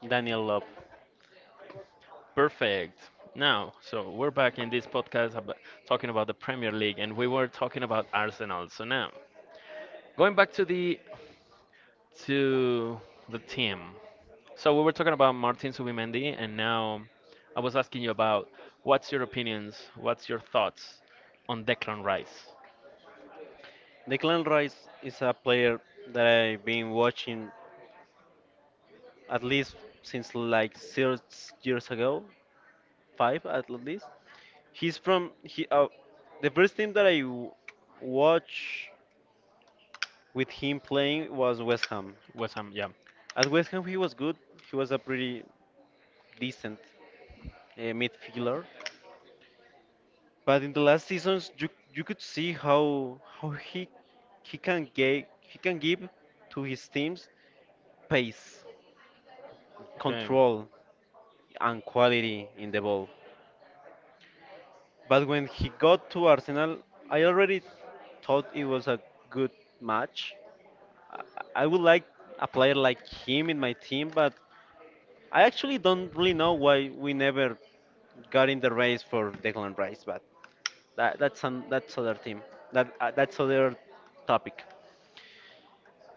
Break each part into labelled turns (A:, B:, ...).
A: Daniel Love.
B: Perfect. Now, so we're back in this podcast about, talking about the Premier League, and we were talking about Arsenal. So now, going back to the team. So we were talking about Martin Subimendi, and now I was asking you about what's your opinions, what's your thoughts on Declan Rice,
A: Declan Rice is a player that I've been watching at least since like 6 years ago, five at least. He's from he. The first team that watched with him playing was West Ham.
B: West Ham. Yeah.
A: At West Ham, he was good. He was a pretty decent midfielder. But in the last seasons, you could see how how he can give to his teams pace,
B: Okay.
A: control and quality in the ball. But when he got to Arsenal, I already thought it was a good match. I I would like a player like him in my team, but I actually don't really know why we never got in the race for Declan Rice. But that's other team. That's other topic.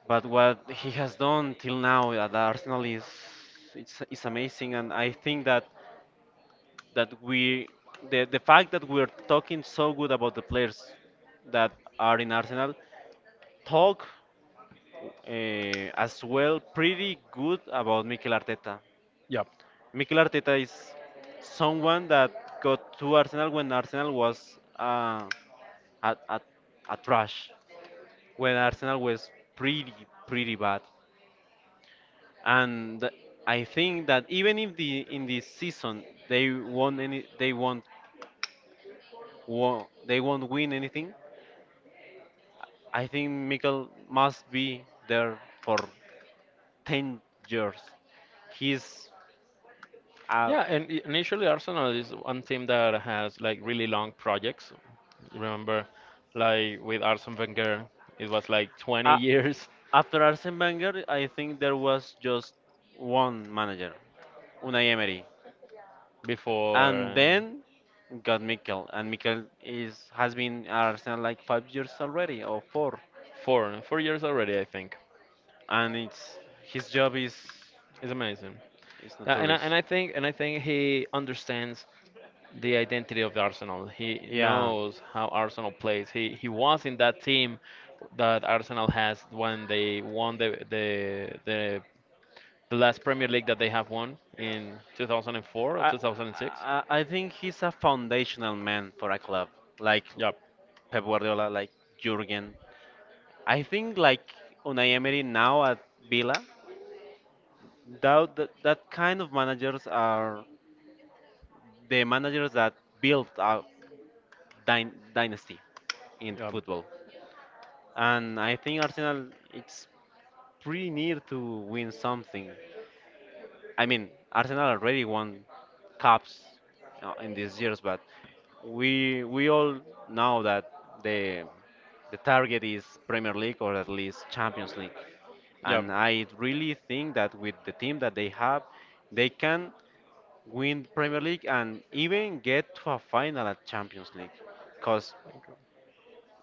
A: But what he has done till now at Arsenal is it's amazing, and I think that that we the fact that we're talking so good about the players that are in Arsenal talk as well pretty good about Mikel Arteta.
B: Yeah.
A: Mikel Arteta is someone that got to Arsenal when Arsenal was a, a, a trash, when Arsenal was pretty pretty bad, and I think that even if the in this season they won any they won't won, they won't win anything. I think Mikel must be there for 10 years. He's a,
B: Yeah, and initially Arsenal is one team that has like really long projects. Remember, like with Arsene Wenger, it was like 20
A: a,
B: years
A: After Arsene Wenger, I think there was just one manager, Unai Emery,
B: before
A: and then got Mikel, and Mikel is has been at Arsenal like 5 years already or four,
B: four years already, I think.
A: and it's his job
B: It's amazing.
A: is
B: Yeah, and
A: notorious.
B: I think he understands the identity of the Arsenal. He
A: Yeah.
B: knows how Arsenal plays. He was in that team that Arsenal has when they won the last Premier League that they have won in 2004 or
A: I,
B: 2006.
A: I think he's a foundational man for a club like
B: Yep.
A: Pep Guardiola, like Jurgen. I think like Unai Emery now at Villa, that kind of managers are the managers that build a dynasty in
B: Yep.
A: football. And I think Arsenal it's pretty near to win something. I mean, Arsenal already won cups in these years, but we all know that the the target is Premier League or at least Champions League.
B: Yep.
A: And I really think that with the team that they have, they can win Premier League and even get to a final at Champions League. Because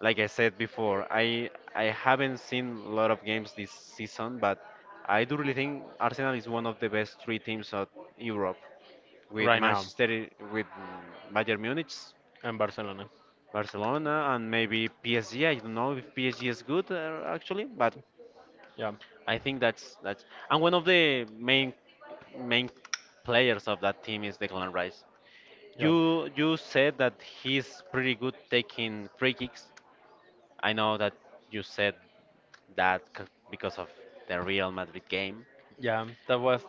A: like I said before, I haven't seen a lot of games this season, but I do really think Arsenal is one of the best three teams of Europe, with
B: Right now,
A: Manchester, with Bayern Munich,
B: in Barcelona.
A: Barcelona, and maybe PSG. I don't know if PSG is good actually, but
B: Yep.
A: I think that's and one of the main players of that team is Declan Rice.
B: Yep.
A: You said that he's pretty good taking free kicks. I know that you said that c- because of the Real Madrid game.
B: Yeah, that was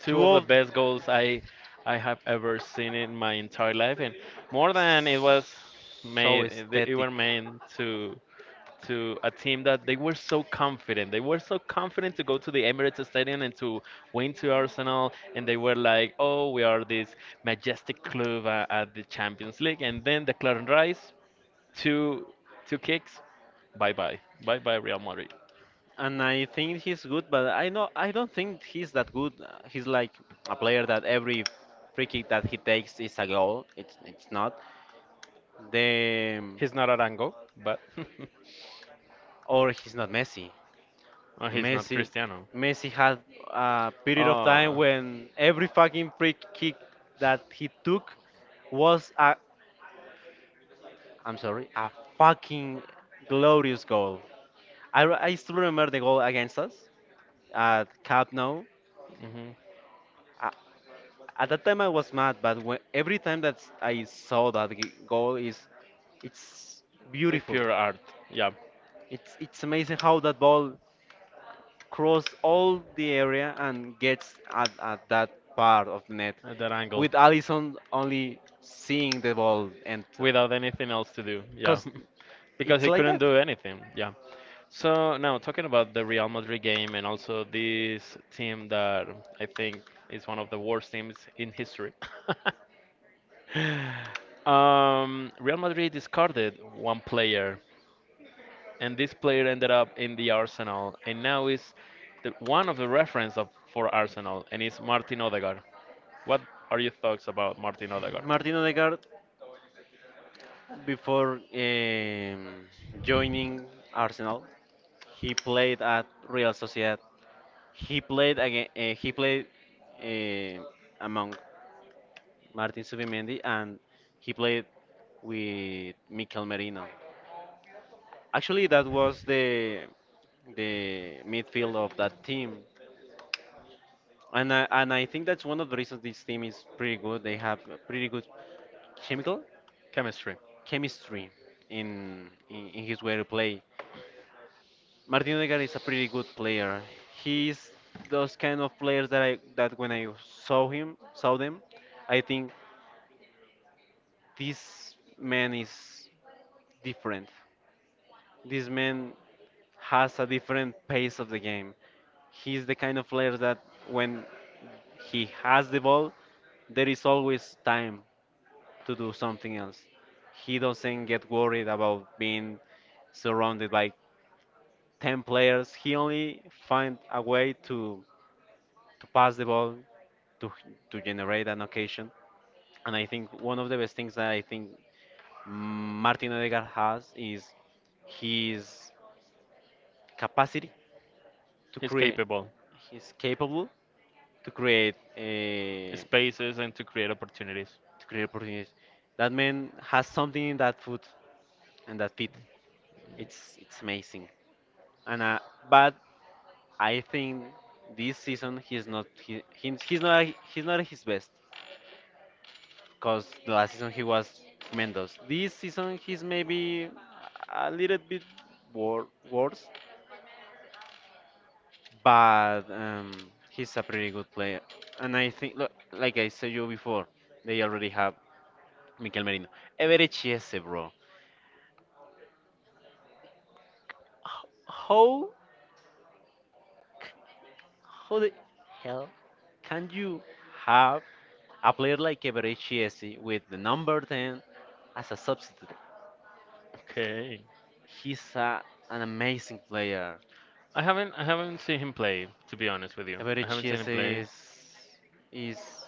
B: two
A: Two
B: of the
A: of
B: best goals I have ever seen in my entire life, and more than it was
A: so
B: made, they it
A: aesthetic,
B: were meant to a team that they were so confident. They were so confident to go to the Emirates Stadium and to win to Arsenal, and they were like, "Oh, we are this majestic club at the Champions League." And then the Declan Rice, two two kicks, bye bye, bye bye Real Madrid.
A: and I think he's good, but I don't think he's that good. He's like a player that every free kick that he takes is a goal. It's not the
B: He's not Arango, but
A: or he's not Messi.
B: or he's not
A: Messi,
B: Cristiano.
A: Messi had a period of time
B: Ah.
A: when every fucking free kick that he took was I'm sorry, a fucking glorious goal. I still remember the goal against us at Camp Nou.
B: Mhm.
A: A- At that time I was mad, but every time that I saw that goal it's
B: A
A: beautiful.
B: pure art. Yeah,
A: It's amazing how that ball cross all the area and gets at that part of the net,
B: at that angle,
A: with Allison only seeing the ball enter.
B: without anything else to do. Yeah,
A: Because
B: because
A: it's
B: he
A: like
B: couldn't
A: that.
B: do anything. Yeah. So now talking about the Real Madrid game and also this team that I think is one of the worst teams in history. Real Madrid discarded one player and this player ended up in the Arsenal, and now is one of the reference of, for Arsenal, and is Martin Odegaard. What are your thoughts about Martin Odegaard?
A: Martin Odegaard, before joining Arsenal, he played at Real Sociedad. He played again. He played uh, among Martin Subimendi, and he played with Mikel Merino. Actually, that was the midfield of that team, and I think that's one of the reasons this team is pretty good. They have a pretty good chemical
B: Chemistry.
A: chemistry in his way to play. Martin Odegaard is a pretty good player. He's those kind of players that I that when I saw them, I think this man is different. This man has a different pace of the game. He's the kind of player that when he has the ball, there is always time to do something else. He doesn't get worried about being surrounded by 10 players. He only finds a way to pass the ball, to, to generate an occasion. And I think one of the best things that I think Martin Odegaard has is he's capacity to
B: He's
A: create.
B: capable.
A: He's capable to create uh,
B: Spaces and to create opportunities.
A: to create opportunities. That man has something in that foot and that feet. It's amazing. And but I think this season he's not at his best because the last season he was tremendous. This season he's maybe a little bit worse but he's a pretty good player. And I think, look, like I said you before, they already have Mikel Merino. Ever Chiese, bro. How, c- how the hell can you have a player like Ever Chiese with the number 10 as a substitute?
B: Okay.
A: He's a, an amazing player.
B: I haven't seen him play, to be honest with you.
A: Ever
B: I haven't seen him
A: Chiese
B: play.
A: is, is,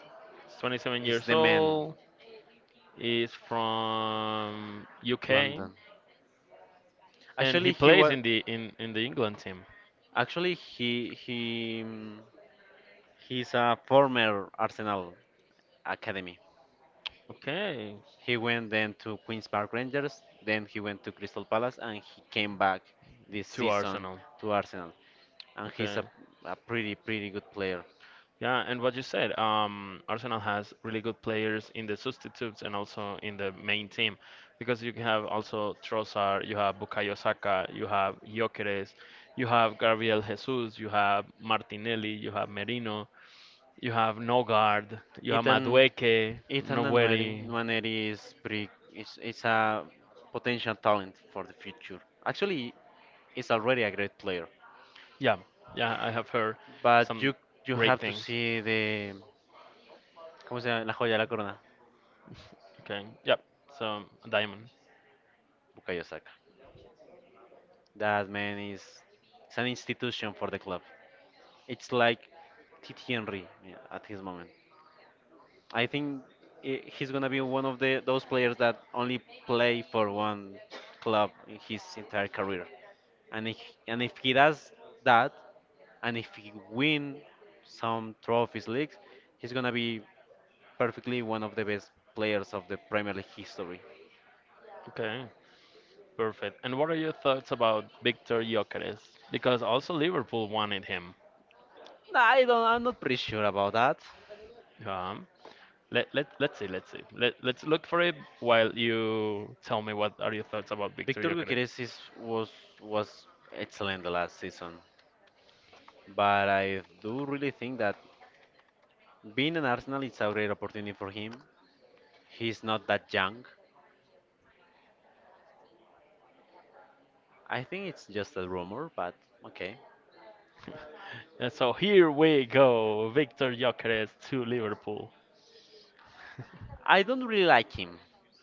B: He's 27
A: is
B: years
A: the man.
B: old. He's from UK,
A: London.
B: and
A: Actually,
B: he
A: he
B: plays
A: was.
B: in the England team.
A: Actually, he's a former Arsenal academy.
B: Okay,
A: He went then to Queens Park Rangers, then he went to Crystal Palace, and he came back this
B: to
A: season
B: Arsenal.
A: to Arsenal. And he's
B: Okay,
A: a pretty pretty good player.
B: yeah, and what you said, Arsenal has really good players in the substitutes and also in the main team, because you have also Trossard, you have Bukayo Saka, you have Gyökeres, you have Gabriel Jesus, you have Martinelli, you have Merino, you have Nogard, you have
A: Ethan
B: Madueke,
A: Ethan
B: Noweri.
A: Nwaneri is is a potential talent for the future. Actually, he's already a great player,
B: Yeah, yeah, I have heard
A: but
B: some
A: you
B: great
A: have to
B: things.
A: see the ¿cómo se llama? La joya de la corona,
B: Okay, yep. So Diamond.
A: Bukayo Saka. That man is it's an institution for the club. It's like Titi Henry, yeah, at his moment. I think he's gonna be one of the those players that only play for one club in his entire career. And if, and if he does that, and if he win some trophies leagues, he's gonna be perfectly one of the best players of the Premier League history.
B: Okay. Perfect. And what are your thoughts about Victor Gyökeres? Because also Liverpool wanted him.
A: Nah, I don't. I'm not pretty sure about that.
B: Um, let's see, let's see. Let's look for it while you tell me what are your thoughts about Victor
A: Victor
B: Gyökeres.
A: Gutierrez is, was excellent the last season, but I do really think that being an Arsenal it's a great opportunity for him. He's not that young. I think it's just a rumor, but okay.
B: And so here we go, Victor Gyökeres to Liverpool,
A: I don't really like him.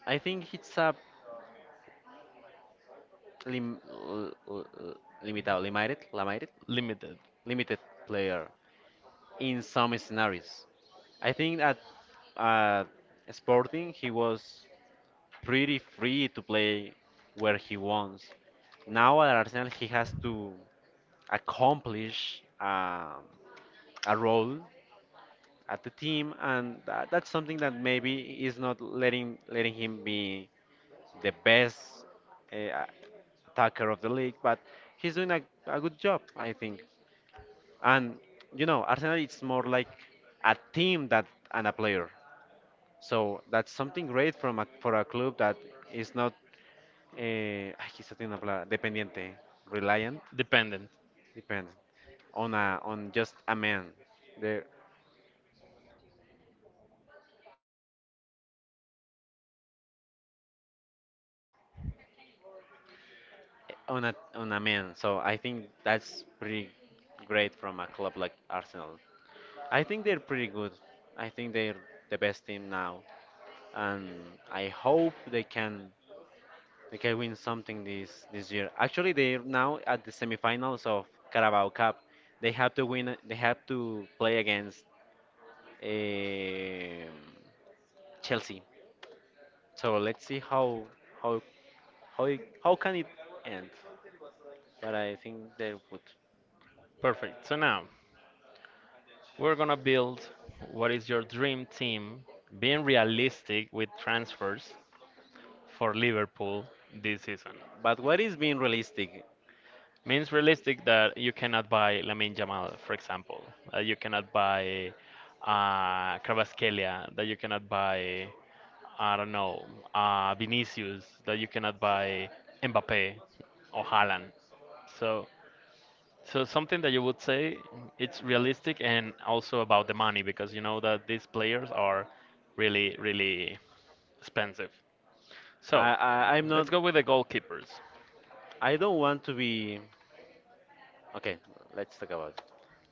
A: I think it's a lim, l, l, l- limitado,
B: limited,
A: limited player in some scenarios. I think at uh, Sporting he was pretty free to play where he wants. Now at Arsenal, he has to accomplish a role at the team, and that's something that maybe is not letting him be the best uh, attacker of the league, but he's doing a good job, I think. And you know, Arsenal it's more like a team that and a player. So that's something great from for a club that is not quizás tiene una palabra, dependiente, reliant,
B: dependent.
A: dependent, on just a man, there, on a man. So I think that's pretty great from a club like Arsenal. I think they're pretty good. I think they're the best team now, and I hope they can win something this year. Actually, they're now at the semifinals of Carabao Cup. They have to win. They have to play against um Chelsea. So let's see how how how can it end. But I think they would.
B: Perfect. So now we're gonna build what is your dream team, being realistic with transfers for Liverpool this season.
A: But what is being realistic?
B: Means realistic that you cannot buy Lamine Yamal, for example. You cannot buy Kvaratskhelia. That you cannot buy, I don't know, Vinicius. That you cannot buy Mbappe or Haaland. So, so something that you would say it's realistic and also about the money because you know that these players are really, really expensive. So,
A: I'm not.
B: let's go with the goalkeepers.
A: I don't want to be. Okay, let's talk about it.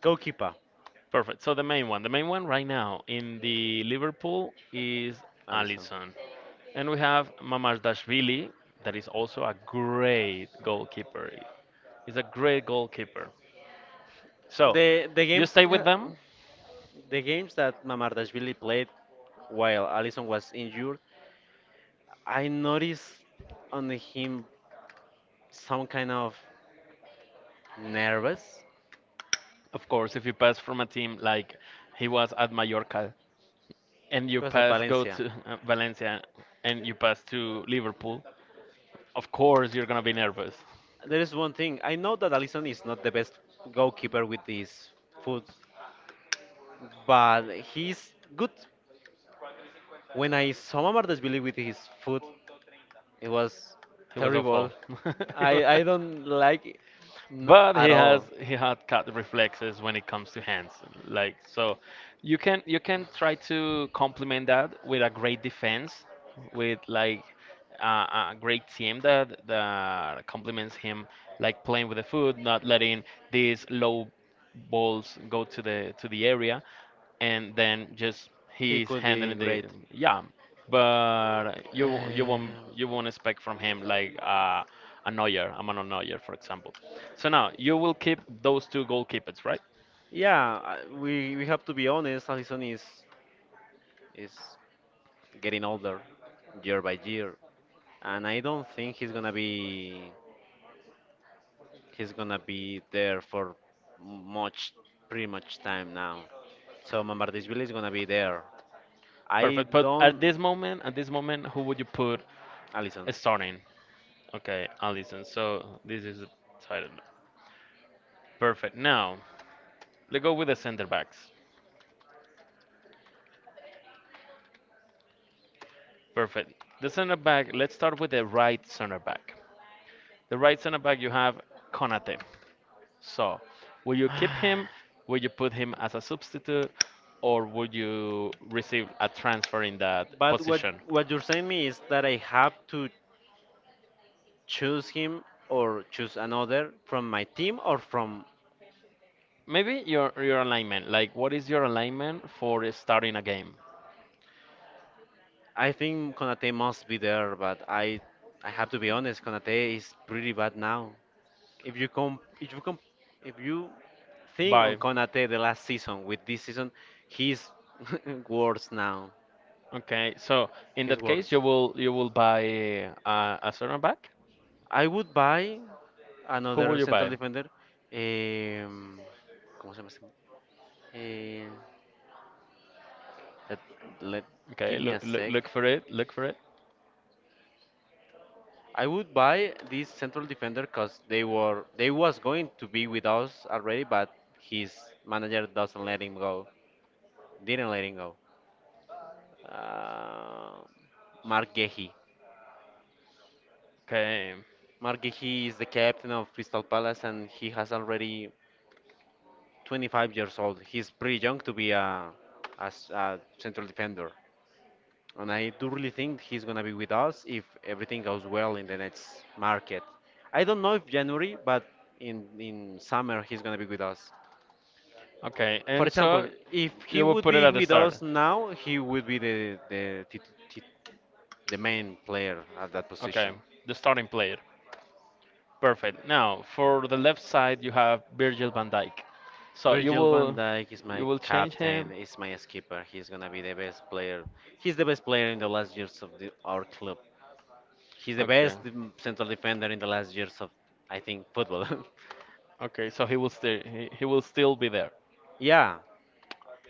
A: Goalkeeper,
B: Perfect. So the main one right now in the Liverpool is
A: Alison.
B: Alisson, and we have Mamardashvili, that is also a great goalkeeper. He's a great goalkeeper. So
A: The the
B: you
A: games
B: stay with them,
A: the games that Mamardashvili played while Alison was injured, I noticed on him some kind of nervous.
B: of course. If you pass from a team like he was at Mallorca, and
A: It
B: you
A: was at
B: pass go
A: Valencia.
B: to Valencia, and you pass to Liverpool, of course you're gonna be nervous.
A: There is one thing. I know that Alisson is not the best goalkeeper with his foot, but he's good. When I saw Mamardashvili with his foot, it was
B: He was
A: terrible.
B: awful.
A: I don't like it
B: But he
A: at
B: has
A: all.
B: he had cat reflexes when it comes to hands like so you can try to complement that with a great defense with like a, a great team that that complements him like playing with the foot, not letting these low balls go to the area and then just
A: He
B: he's
A: could be
B: handling the
A: great.
B: yeah. But
A: Um,
B: you won't expect from him like a Neuer, a Manuel Neuer, for example. So now you will keep those two goalkeepers, right?
A: yeah, we have to be honest. Allison is getting older year by year, and I don't think he's gonna be. He's gonna be there for much, pretty much time now. So Mamardishvili is gonna be there. I
B: Perfect, but at
A: don't.
B: this moment, who would you put
A: Alison.
B: starting? Okay, Allison. So this is the title. Perfect. Now let's go with the center backs. Perfect, the center back. Let's start with the right center back. You have Konate. So, will you keep him? Will you put him as a substitute, or would you receive a transfer in that
A: But
B: position?
A: what you're saying me is that I have to choose him or choose another from my team or from.
B: Maybe your alignment. Like, what is your alignment for starting a game?
A: I think Konate must be there, but I have to be honest, Konate is pretty bad now. If you com if you com if you think on
B: Bye.
A: Konate the last season with this season, he's worse now.
B: Okay, so in
A: He's
B: that case,
A: worse.
B: you will buy a center back.
A: I would buy
B: Who will
A: another
B: you
A: central
B: buy?
A: defender. Um, ¿Cómo se llama? Este? Eh, let, let-
B: Okay,
A: Give me
B: look,
A: a sec.
B: for it. Look for it.
A: I would buy this central defender because they were they was going to be with us already, but his manager doesn't let him go. Didn't let him go. Uh, Mark Gehi.
B: Okay.
A: Mark Gehi is the captain of Crystal Palace, and he has already 25 years old. He's pretty young to be a central defender, and I do really think he's gonna be with us if everything goes well in the next market. I don't know if January, but in summer he's gonna be with us.
B: Okay,
A: For
B: and
A: example,
B: so
A: if
B: you
A: he
B: will
A: would
B: put it
A: be
B: at the
A: with
B: start.
A: us now, he would be the tit- tit- the main player at that
B: Okay,
A: position.
B: the starting player. Perfect. Now, for the left side, you have Virgil van Dijk. So you
A: Virgil van
B: will
A: Dijk is my
B: change
A: captain,
B: him.
A: is my skipper. He's gonna be the best player. He's the best player in the last years of our club. He's the
B: Okay.
A: best central defender in the last years of, I think, football.
B: Okay, so he will still he will still be there.
A: Yeah,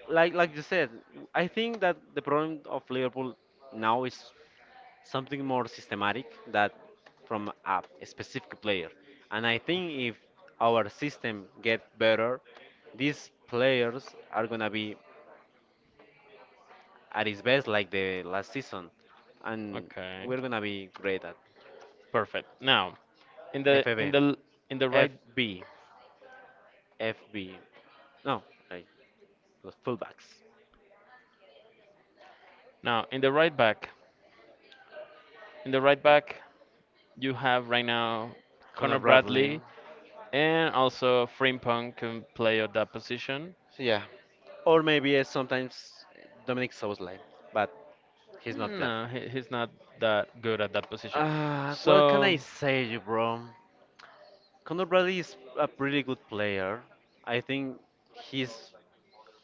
A: like you said, I think that the problem of Liverpool now is something more systematic that from a specific player. And I think if our system get better, these players are gonna be at his best like the last season, and
B: Okay.
A: we're gonna be great at
B: Perfect. Now, in the
A: FB,
B: right
A: FB, FB. No, like the fullbacks,
B: now in the right back, in the right back you have right now
A: Connor
B: Connor
A: Bradley.
B: Bradley and also Frimpong can play at that position.
A: So yeah, or maybe sometimes Dominic Soboslai, but he's not there.
B: No, he's not that good at that position.
A: What can
B: So,
A: I say, you bro? Conor Bradley is a pretty good player. I think he's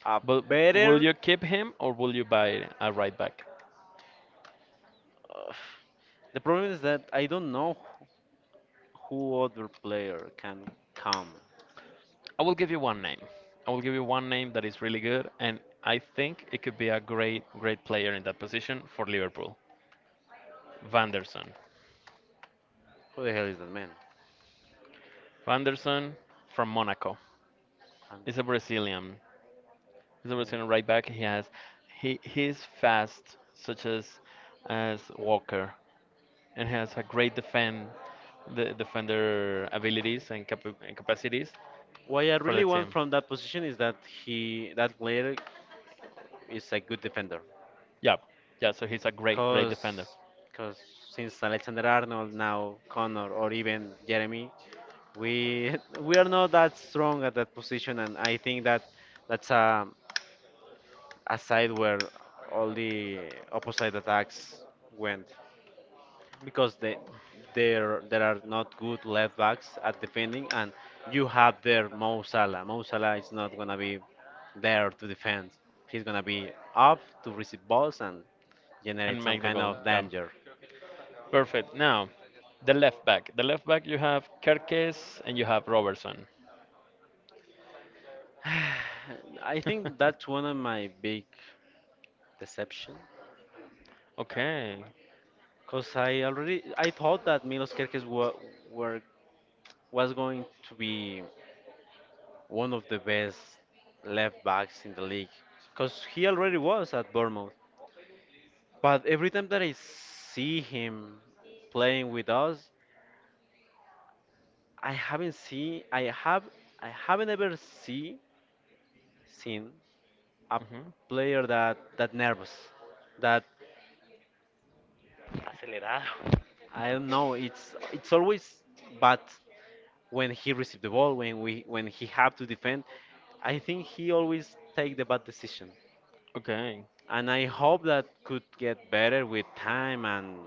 A: a
B: but will
A: better.
B: you keep him or will you buy a right back?
A: Uh, the problem is that I don't know who other player can come.
B: I will give you one name. I will give you one name that is really good, and I think it could be a great, great player in that position for Liverpool. Vanderson.
A: Who the hell is that man?
B: Vanderson from Monaco. He's
A: Anders.
B: a Brazilian. He's a Brazilian right back. He he's fast, such as Walker, and has a great defender abilities and, capacities
A: What I
B: for the
A: really want
B: team.
A: from that position is that he that player is a good defender.
B: Yeah, yeah. So he's a great, great
A: Cause,
B: defender
A: cause since Alexander Arnold now Connor or even Jeremy, we we are not that strong at that position, and I think that that's a side where all the opposite attacks went because they there there are not good left backs at defending, and you have there Mo Salah. Mo Salah is not gonna be there to defend. He's gonna be up to receive balls and generate
B: and
A: some
B: make the
A: kind
B: goal.
A: of
B: Yeah,
A: danger.
B: perfect. Now, the left back. The left back you have Kerkes and you have Robertson.
A: I think that's one of my big deception.
B: Okay.
A: Cause I thought that Milos Kerkes were was going to be one of the best left backs in the league. Cause he already was at Bournemouth. But every time that I see him playing with us, I haven't seen I have I haven't ever seen a
B: Hmm.
A: player that that nervous, that Acelerado. I don't know. It's always bad when he received the ball, when we when he have to defend. I think he always take the bad decision,
B: Okay.
A: and I hope that could get better with time and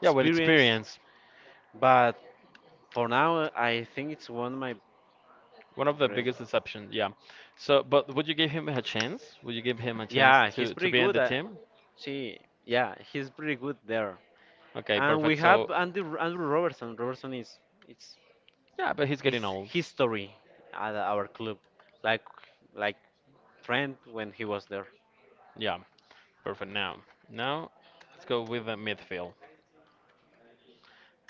B: Yeah, with experience.
A: But for now, I think it's one of my
B: One of the
A: great.
B: biggest deceptions, yeah. So, but would you give him a chance? Would you give him a chance
A: Yeah, he's
B: to
A: pretty
B: be in
A: good.
B: the
A: At,
B: team?
A: see, yeah, he's pretty good there.
B: Okay,
A: And
B: perfect.
A: we have
B: So,
A: Andy Andrew Robertson. Robertson is it's
B: yeah, but he's getting
A: It's
B: old.
A: history at our club, like like friend when he was there.
B: Yeah, perfect. Now, now let's go with the midfield.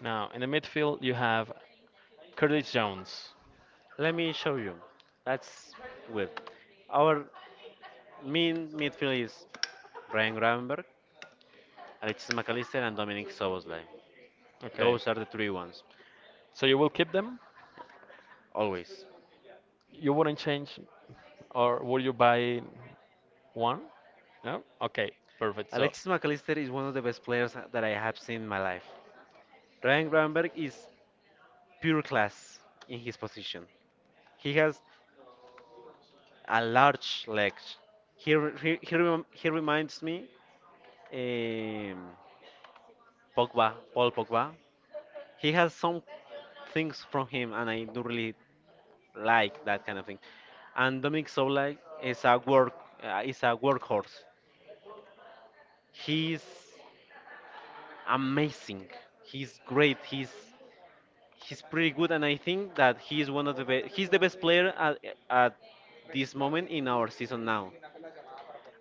B: Now, in the midfield, you have Curtis Jones.
A: Let me show you. That's good. Our main midfield is Brian Gravenberg, Alexis McAllister, and Dominic Soboslai.
B: Okay,
A: Those are the three ones,
B: so you will keep them?
A: always.
B: You wouldn't change, or will you buy one? No? Okay, perfect. So,
A: Alexis McAllister is one of the best players that I have seen in my life. Ryan Gravenberg is pure class in his position. He has and large legs. He re- he, rem- he reminds me um, Pogba, Paul Pogba. He has some things from him, and I do really like that kind of thing. And Dominic Sola is a work is a workhorse. He's amazing. He's great. He's pretty good, and I think that he's one of the be- he's the best player at this moment in our season now.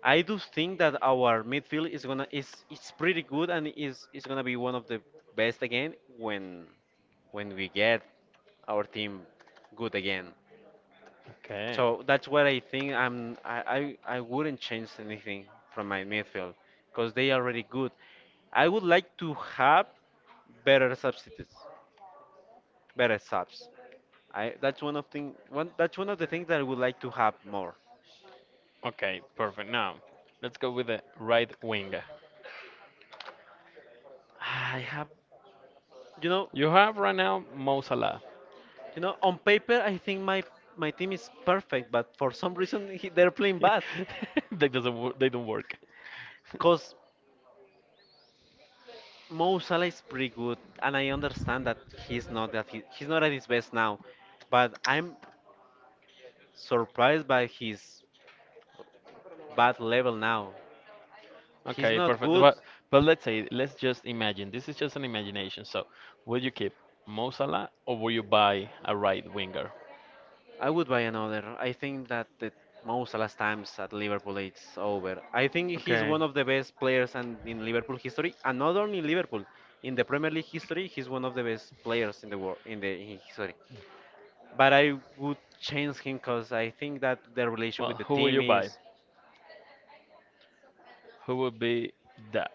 A: I do think that our midfield is gonna is it's pretty good and is gonna be one of the best again when we get our team good again.
B: okay.
A: So that's what I think. I wouldn't change anything from my midfield because they are already good. I would like to have better substitutes, better subs. I that's one of thing one that's one of the things that I would like to have more.
B: Okay, perfect. Now, let's go with the right wing.
A: I have you know.
B: You have right now Mo Salah.
A: You know, on paper, I think my team is perfect, but for some reason he, they're playing bad.
B: They doesn't wo- they don't work.
A: Cause Mo Salah is pretty good, and I understand that he's not at his best now, but I'm surprised by his bad level now. He's
B: Okay,
A: not
B: perfect.
A: good.
B: But let's say, let's just imagine, this is just an imagination. So, will you keep Mo Salah or will you buy a right winger?
A: I would buy another. I think that the most last times at Liverpool it's over. I think he's
B: Okay.
A: one of the best players and in Liverpool history, and not only in Liverpool, in the Premier League history, he's one of the best players in the world in the in history. But I would change him because I think that the relation
B: Well,
A: with the
B: who will
A: team
B: you buy?
A: is
B: Who would be that?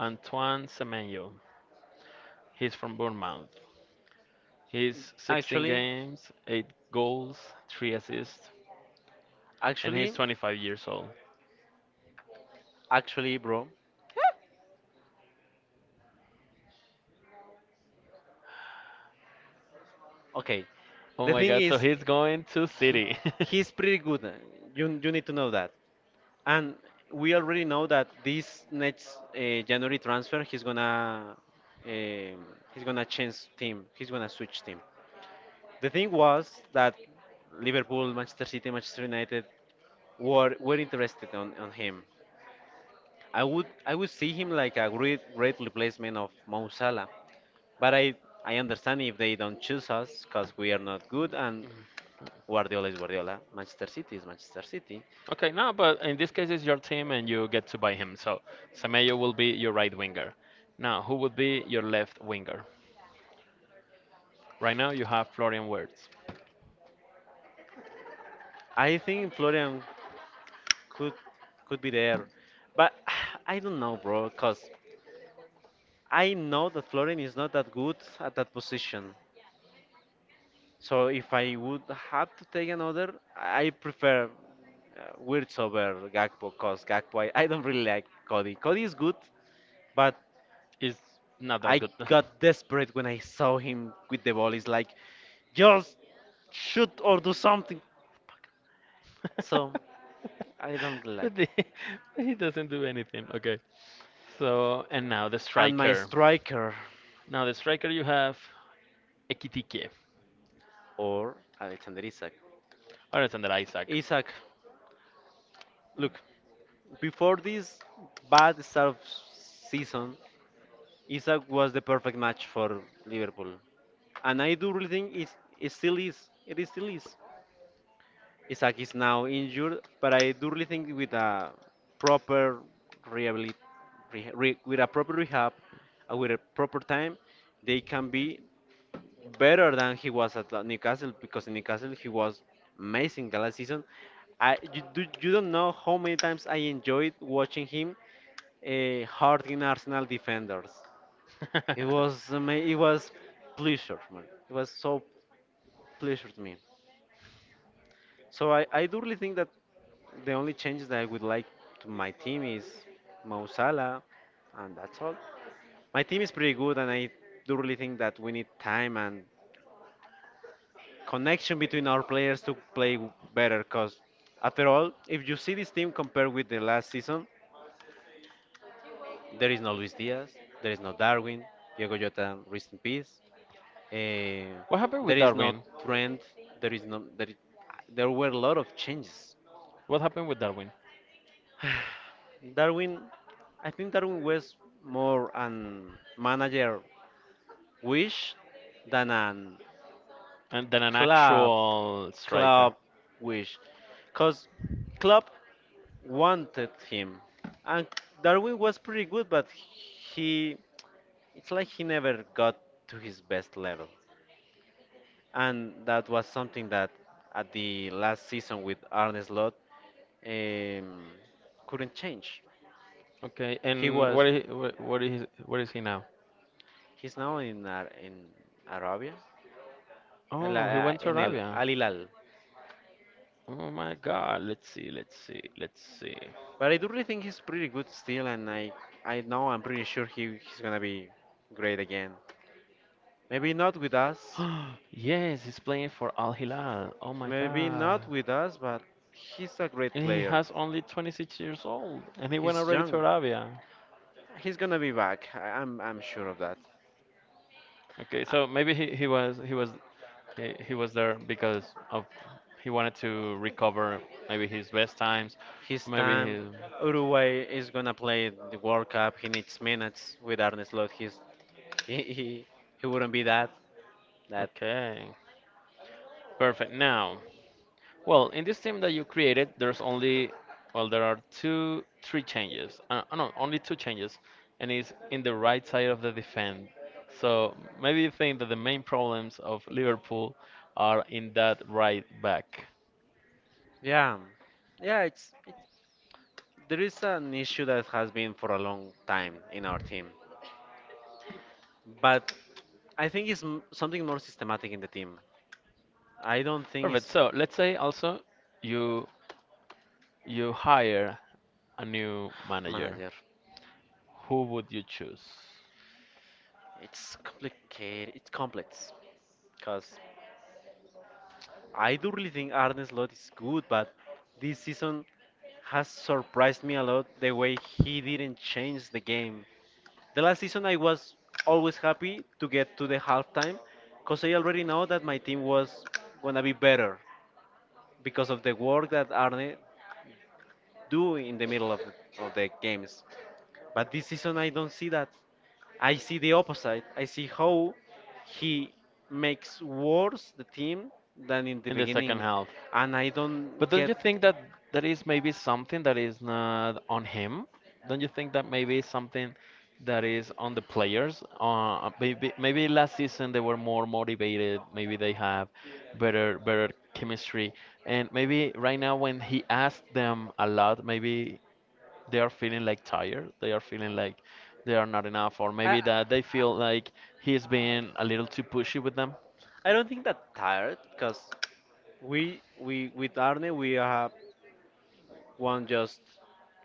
B: Antoine Semenyo. He's from Bournemouth. He's 16
A: actually
B: games, 8 goals, 3 assists, and he's
A: actually
B: 25 years old.
A: actually bro. Okay.
B: Oh
A: The
B: my
A: thing
B: god, so
A: is,
B: he's going to
A: he,
B: City.
A: he's pretty good. You you need to know that. And we already know that this next January transfer, um he's gonna change team. He's gonna switch team. The thing was that Liverpool, Manchester City, Manchester United were interested on him. I would see him like a great great replacement of Mo Salah, but I understand if they don't choose us because we are not good and Guardiola is Guardiola. Manchester City is Manchester City.
B: Okay, no, but in this case, it's your team and you get to buy him. So Semenyo will be your right winger. Now, who would be your left winger? Right now, you have Florian Wirtz.
A: I think Florian could could be there, but I don't know, bro. Cause I know that Florian is not that good at that position. So if I would have to take another, I prefer Wirtz over Gakpo. Cause Gakpo, I don't really like Cody. Cody is good, but
B: It's not that
A: I
B: good.
A: got desperate when I saw him with the ball. It's like just shoot or do something. So I don't really
B: but, the,
A: like.
B: but he doesn't do anything. Okay. So, and now the
A: And my striker,
B: now the striker you have Ekitike.
A: or Alexander Isak.
B: Alexander Isaac.
A: Isak, look, before this bad start of season, Isak was the perfect match for Liverpool. And I do really think it's, it still is. It is still is. Isak is now injured, but I do really think with a proper rehabilit, with a proper rehab, and with a proper time, they can be better than he was at Newcastle because in Newcastle he was amazing the last season. You don't know how many times I enjoyed watching him hurting Arsenal defenders. It was pleasure, man. It was so pleasure to me. So I do really think that the only changes that I would like to my team is Mo Salah, and that's all. My team is pretty good, and I do really think that we need time and connection between our players to play w- better. Because after all, if you see this team compared with the last season, there is no Luis Diaz, there is no Darwin, Diego Jota, rest in peace. Eh,
B: What happened
A: there
B: with
A: is no
B: Darwin?
A: Trent. There is no there. I- There were a lot of changes.
B: What happened with Darwin?
A: Darwin, I think Darwin was more an manager wish than an
B: And then an
A: club
B: actual striker.
A: club wish, cause club wanted him. And Darwin was pretty good, but he it's like he never got to his best level. And that was something that at the last season with Arne Slot um, couldn't change.
B: Okay,
A: He
B: and
A: was
B: what is what is he now?
A: he's now in Arabia,
B: Oh, he went to
A: in El
B: Arabia.
A: Al Hilal.
B: Oh my God. Let's see. Let's see. Let's see.
A: But I do really think he's pretty good still, and I know I'm pretty sure he's gonna be great again. Maybe not with us,
B: Yes, he's playing for Al Hilal. Oh my
A: maybe
B: God.
A: not with us, but he's a great
B: And he
A: player.
B: has only 26 years old, and he went
A: He's
B: already to
A: young.
B: Arabia.
A: He's gonna be back. I'm sure of that.
B: Okay, so maybe he was he was there because of he wanted to recover maybe his best times,
A: His
B: maybe
A: time,
B: his.
A: Uruguay is gonna play the World Cup. He needs minutes with Arne Slot. He's he, he he wouldn't be that that.
B: Okay. Perfect. Now, well, in this team that you created, there's only, well, there are three changes. No, only two changes, and it's in the right side of the defense. So maybe you think that the main problems of Liverpool are in that right back.
A: Yeah, yeah. It's, it. There is an issue that has been for a long time in our team, but I think it's m- something more systematic in the team. I don't think
B: Perfect.
A: it's
B: So let's say also you you hire a new manager.
A: manager.
B: Who would you choose?
A: It's complicated. It's complex because I do really think Arne Slot is good, but this season has surprised me a lot the way he didn't change the game. The last season I was always happy to get to the halftime because I already know that my team was gonna be better because of the work that Arne do in the middle of of the games. But this season, I don't see that. I see the opposite. I see how he makes worse the team than in the
B: In the second
A: beginning,
B: half.
A: and I don't
B: But don't
A: get.
B: you think that that is maybe something that is not on him? Don't you think that maybe is something that is on the players? Maybe last season they were more motivated. Maybe they have better chemistry, and maybe right now when he asked them a lot, maybe they are feeling like tired, they are feeling like they are not enough, or
A: I,
B: maybe that they
A: I
B: feel like he's been a little too pushy with them,
A: I don't think that tired because we with Arne we have won just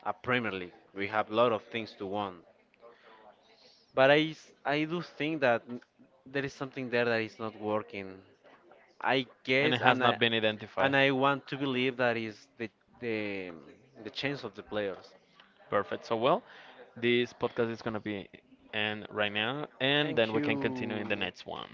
A: a Premier League. We have a lot of things to won. But I do think that n- there is something there that is not working. I
B: and
A: guess
B: it has
A: and
B: not been identified.
A: I want to believe that is the the change of the players.
B: Perfect. So, well, this podcast is going to be end right now, and then
A: Thank
B: we can continue in the
A: you.
B: next one.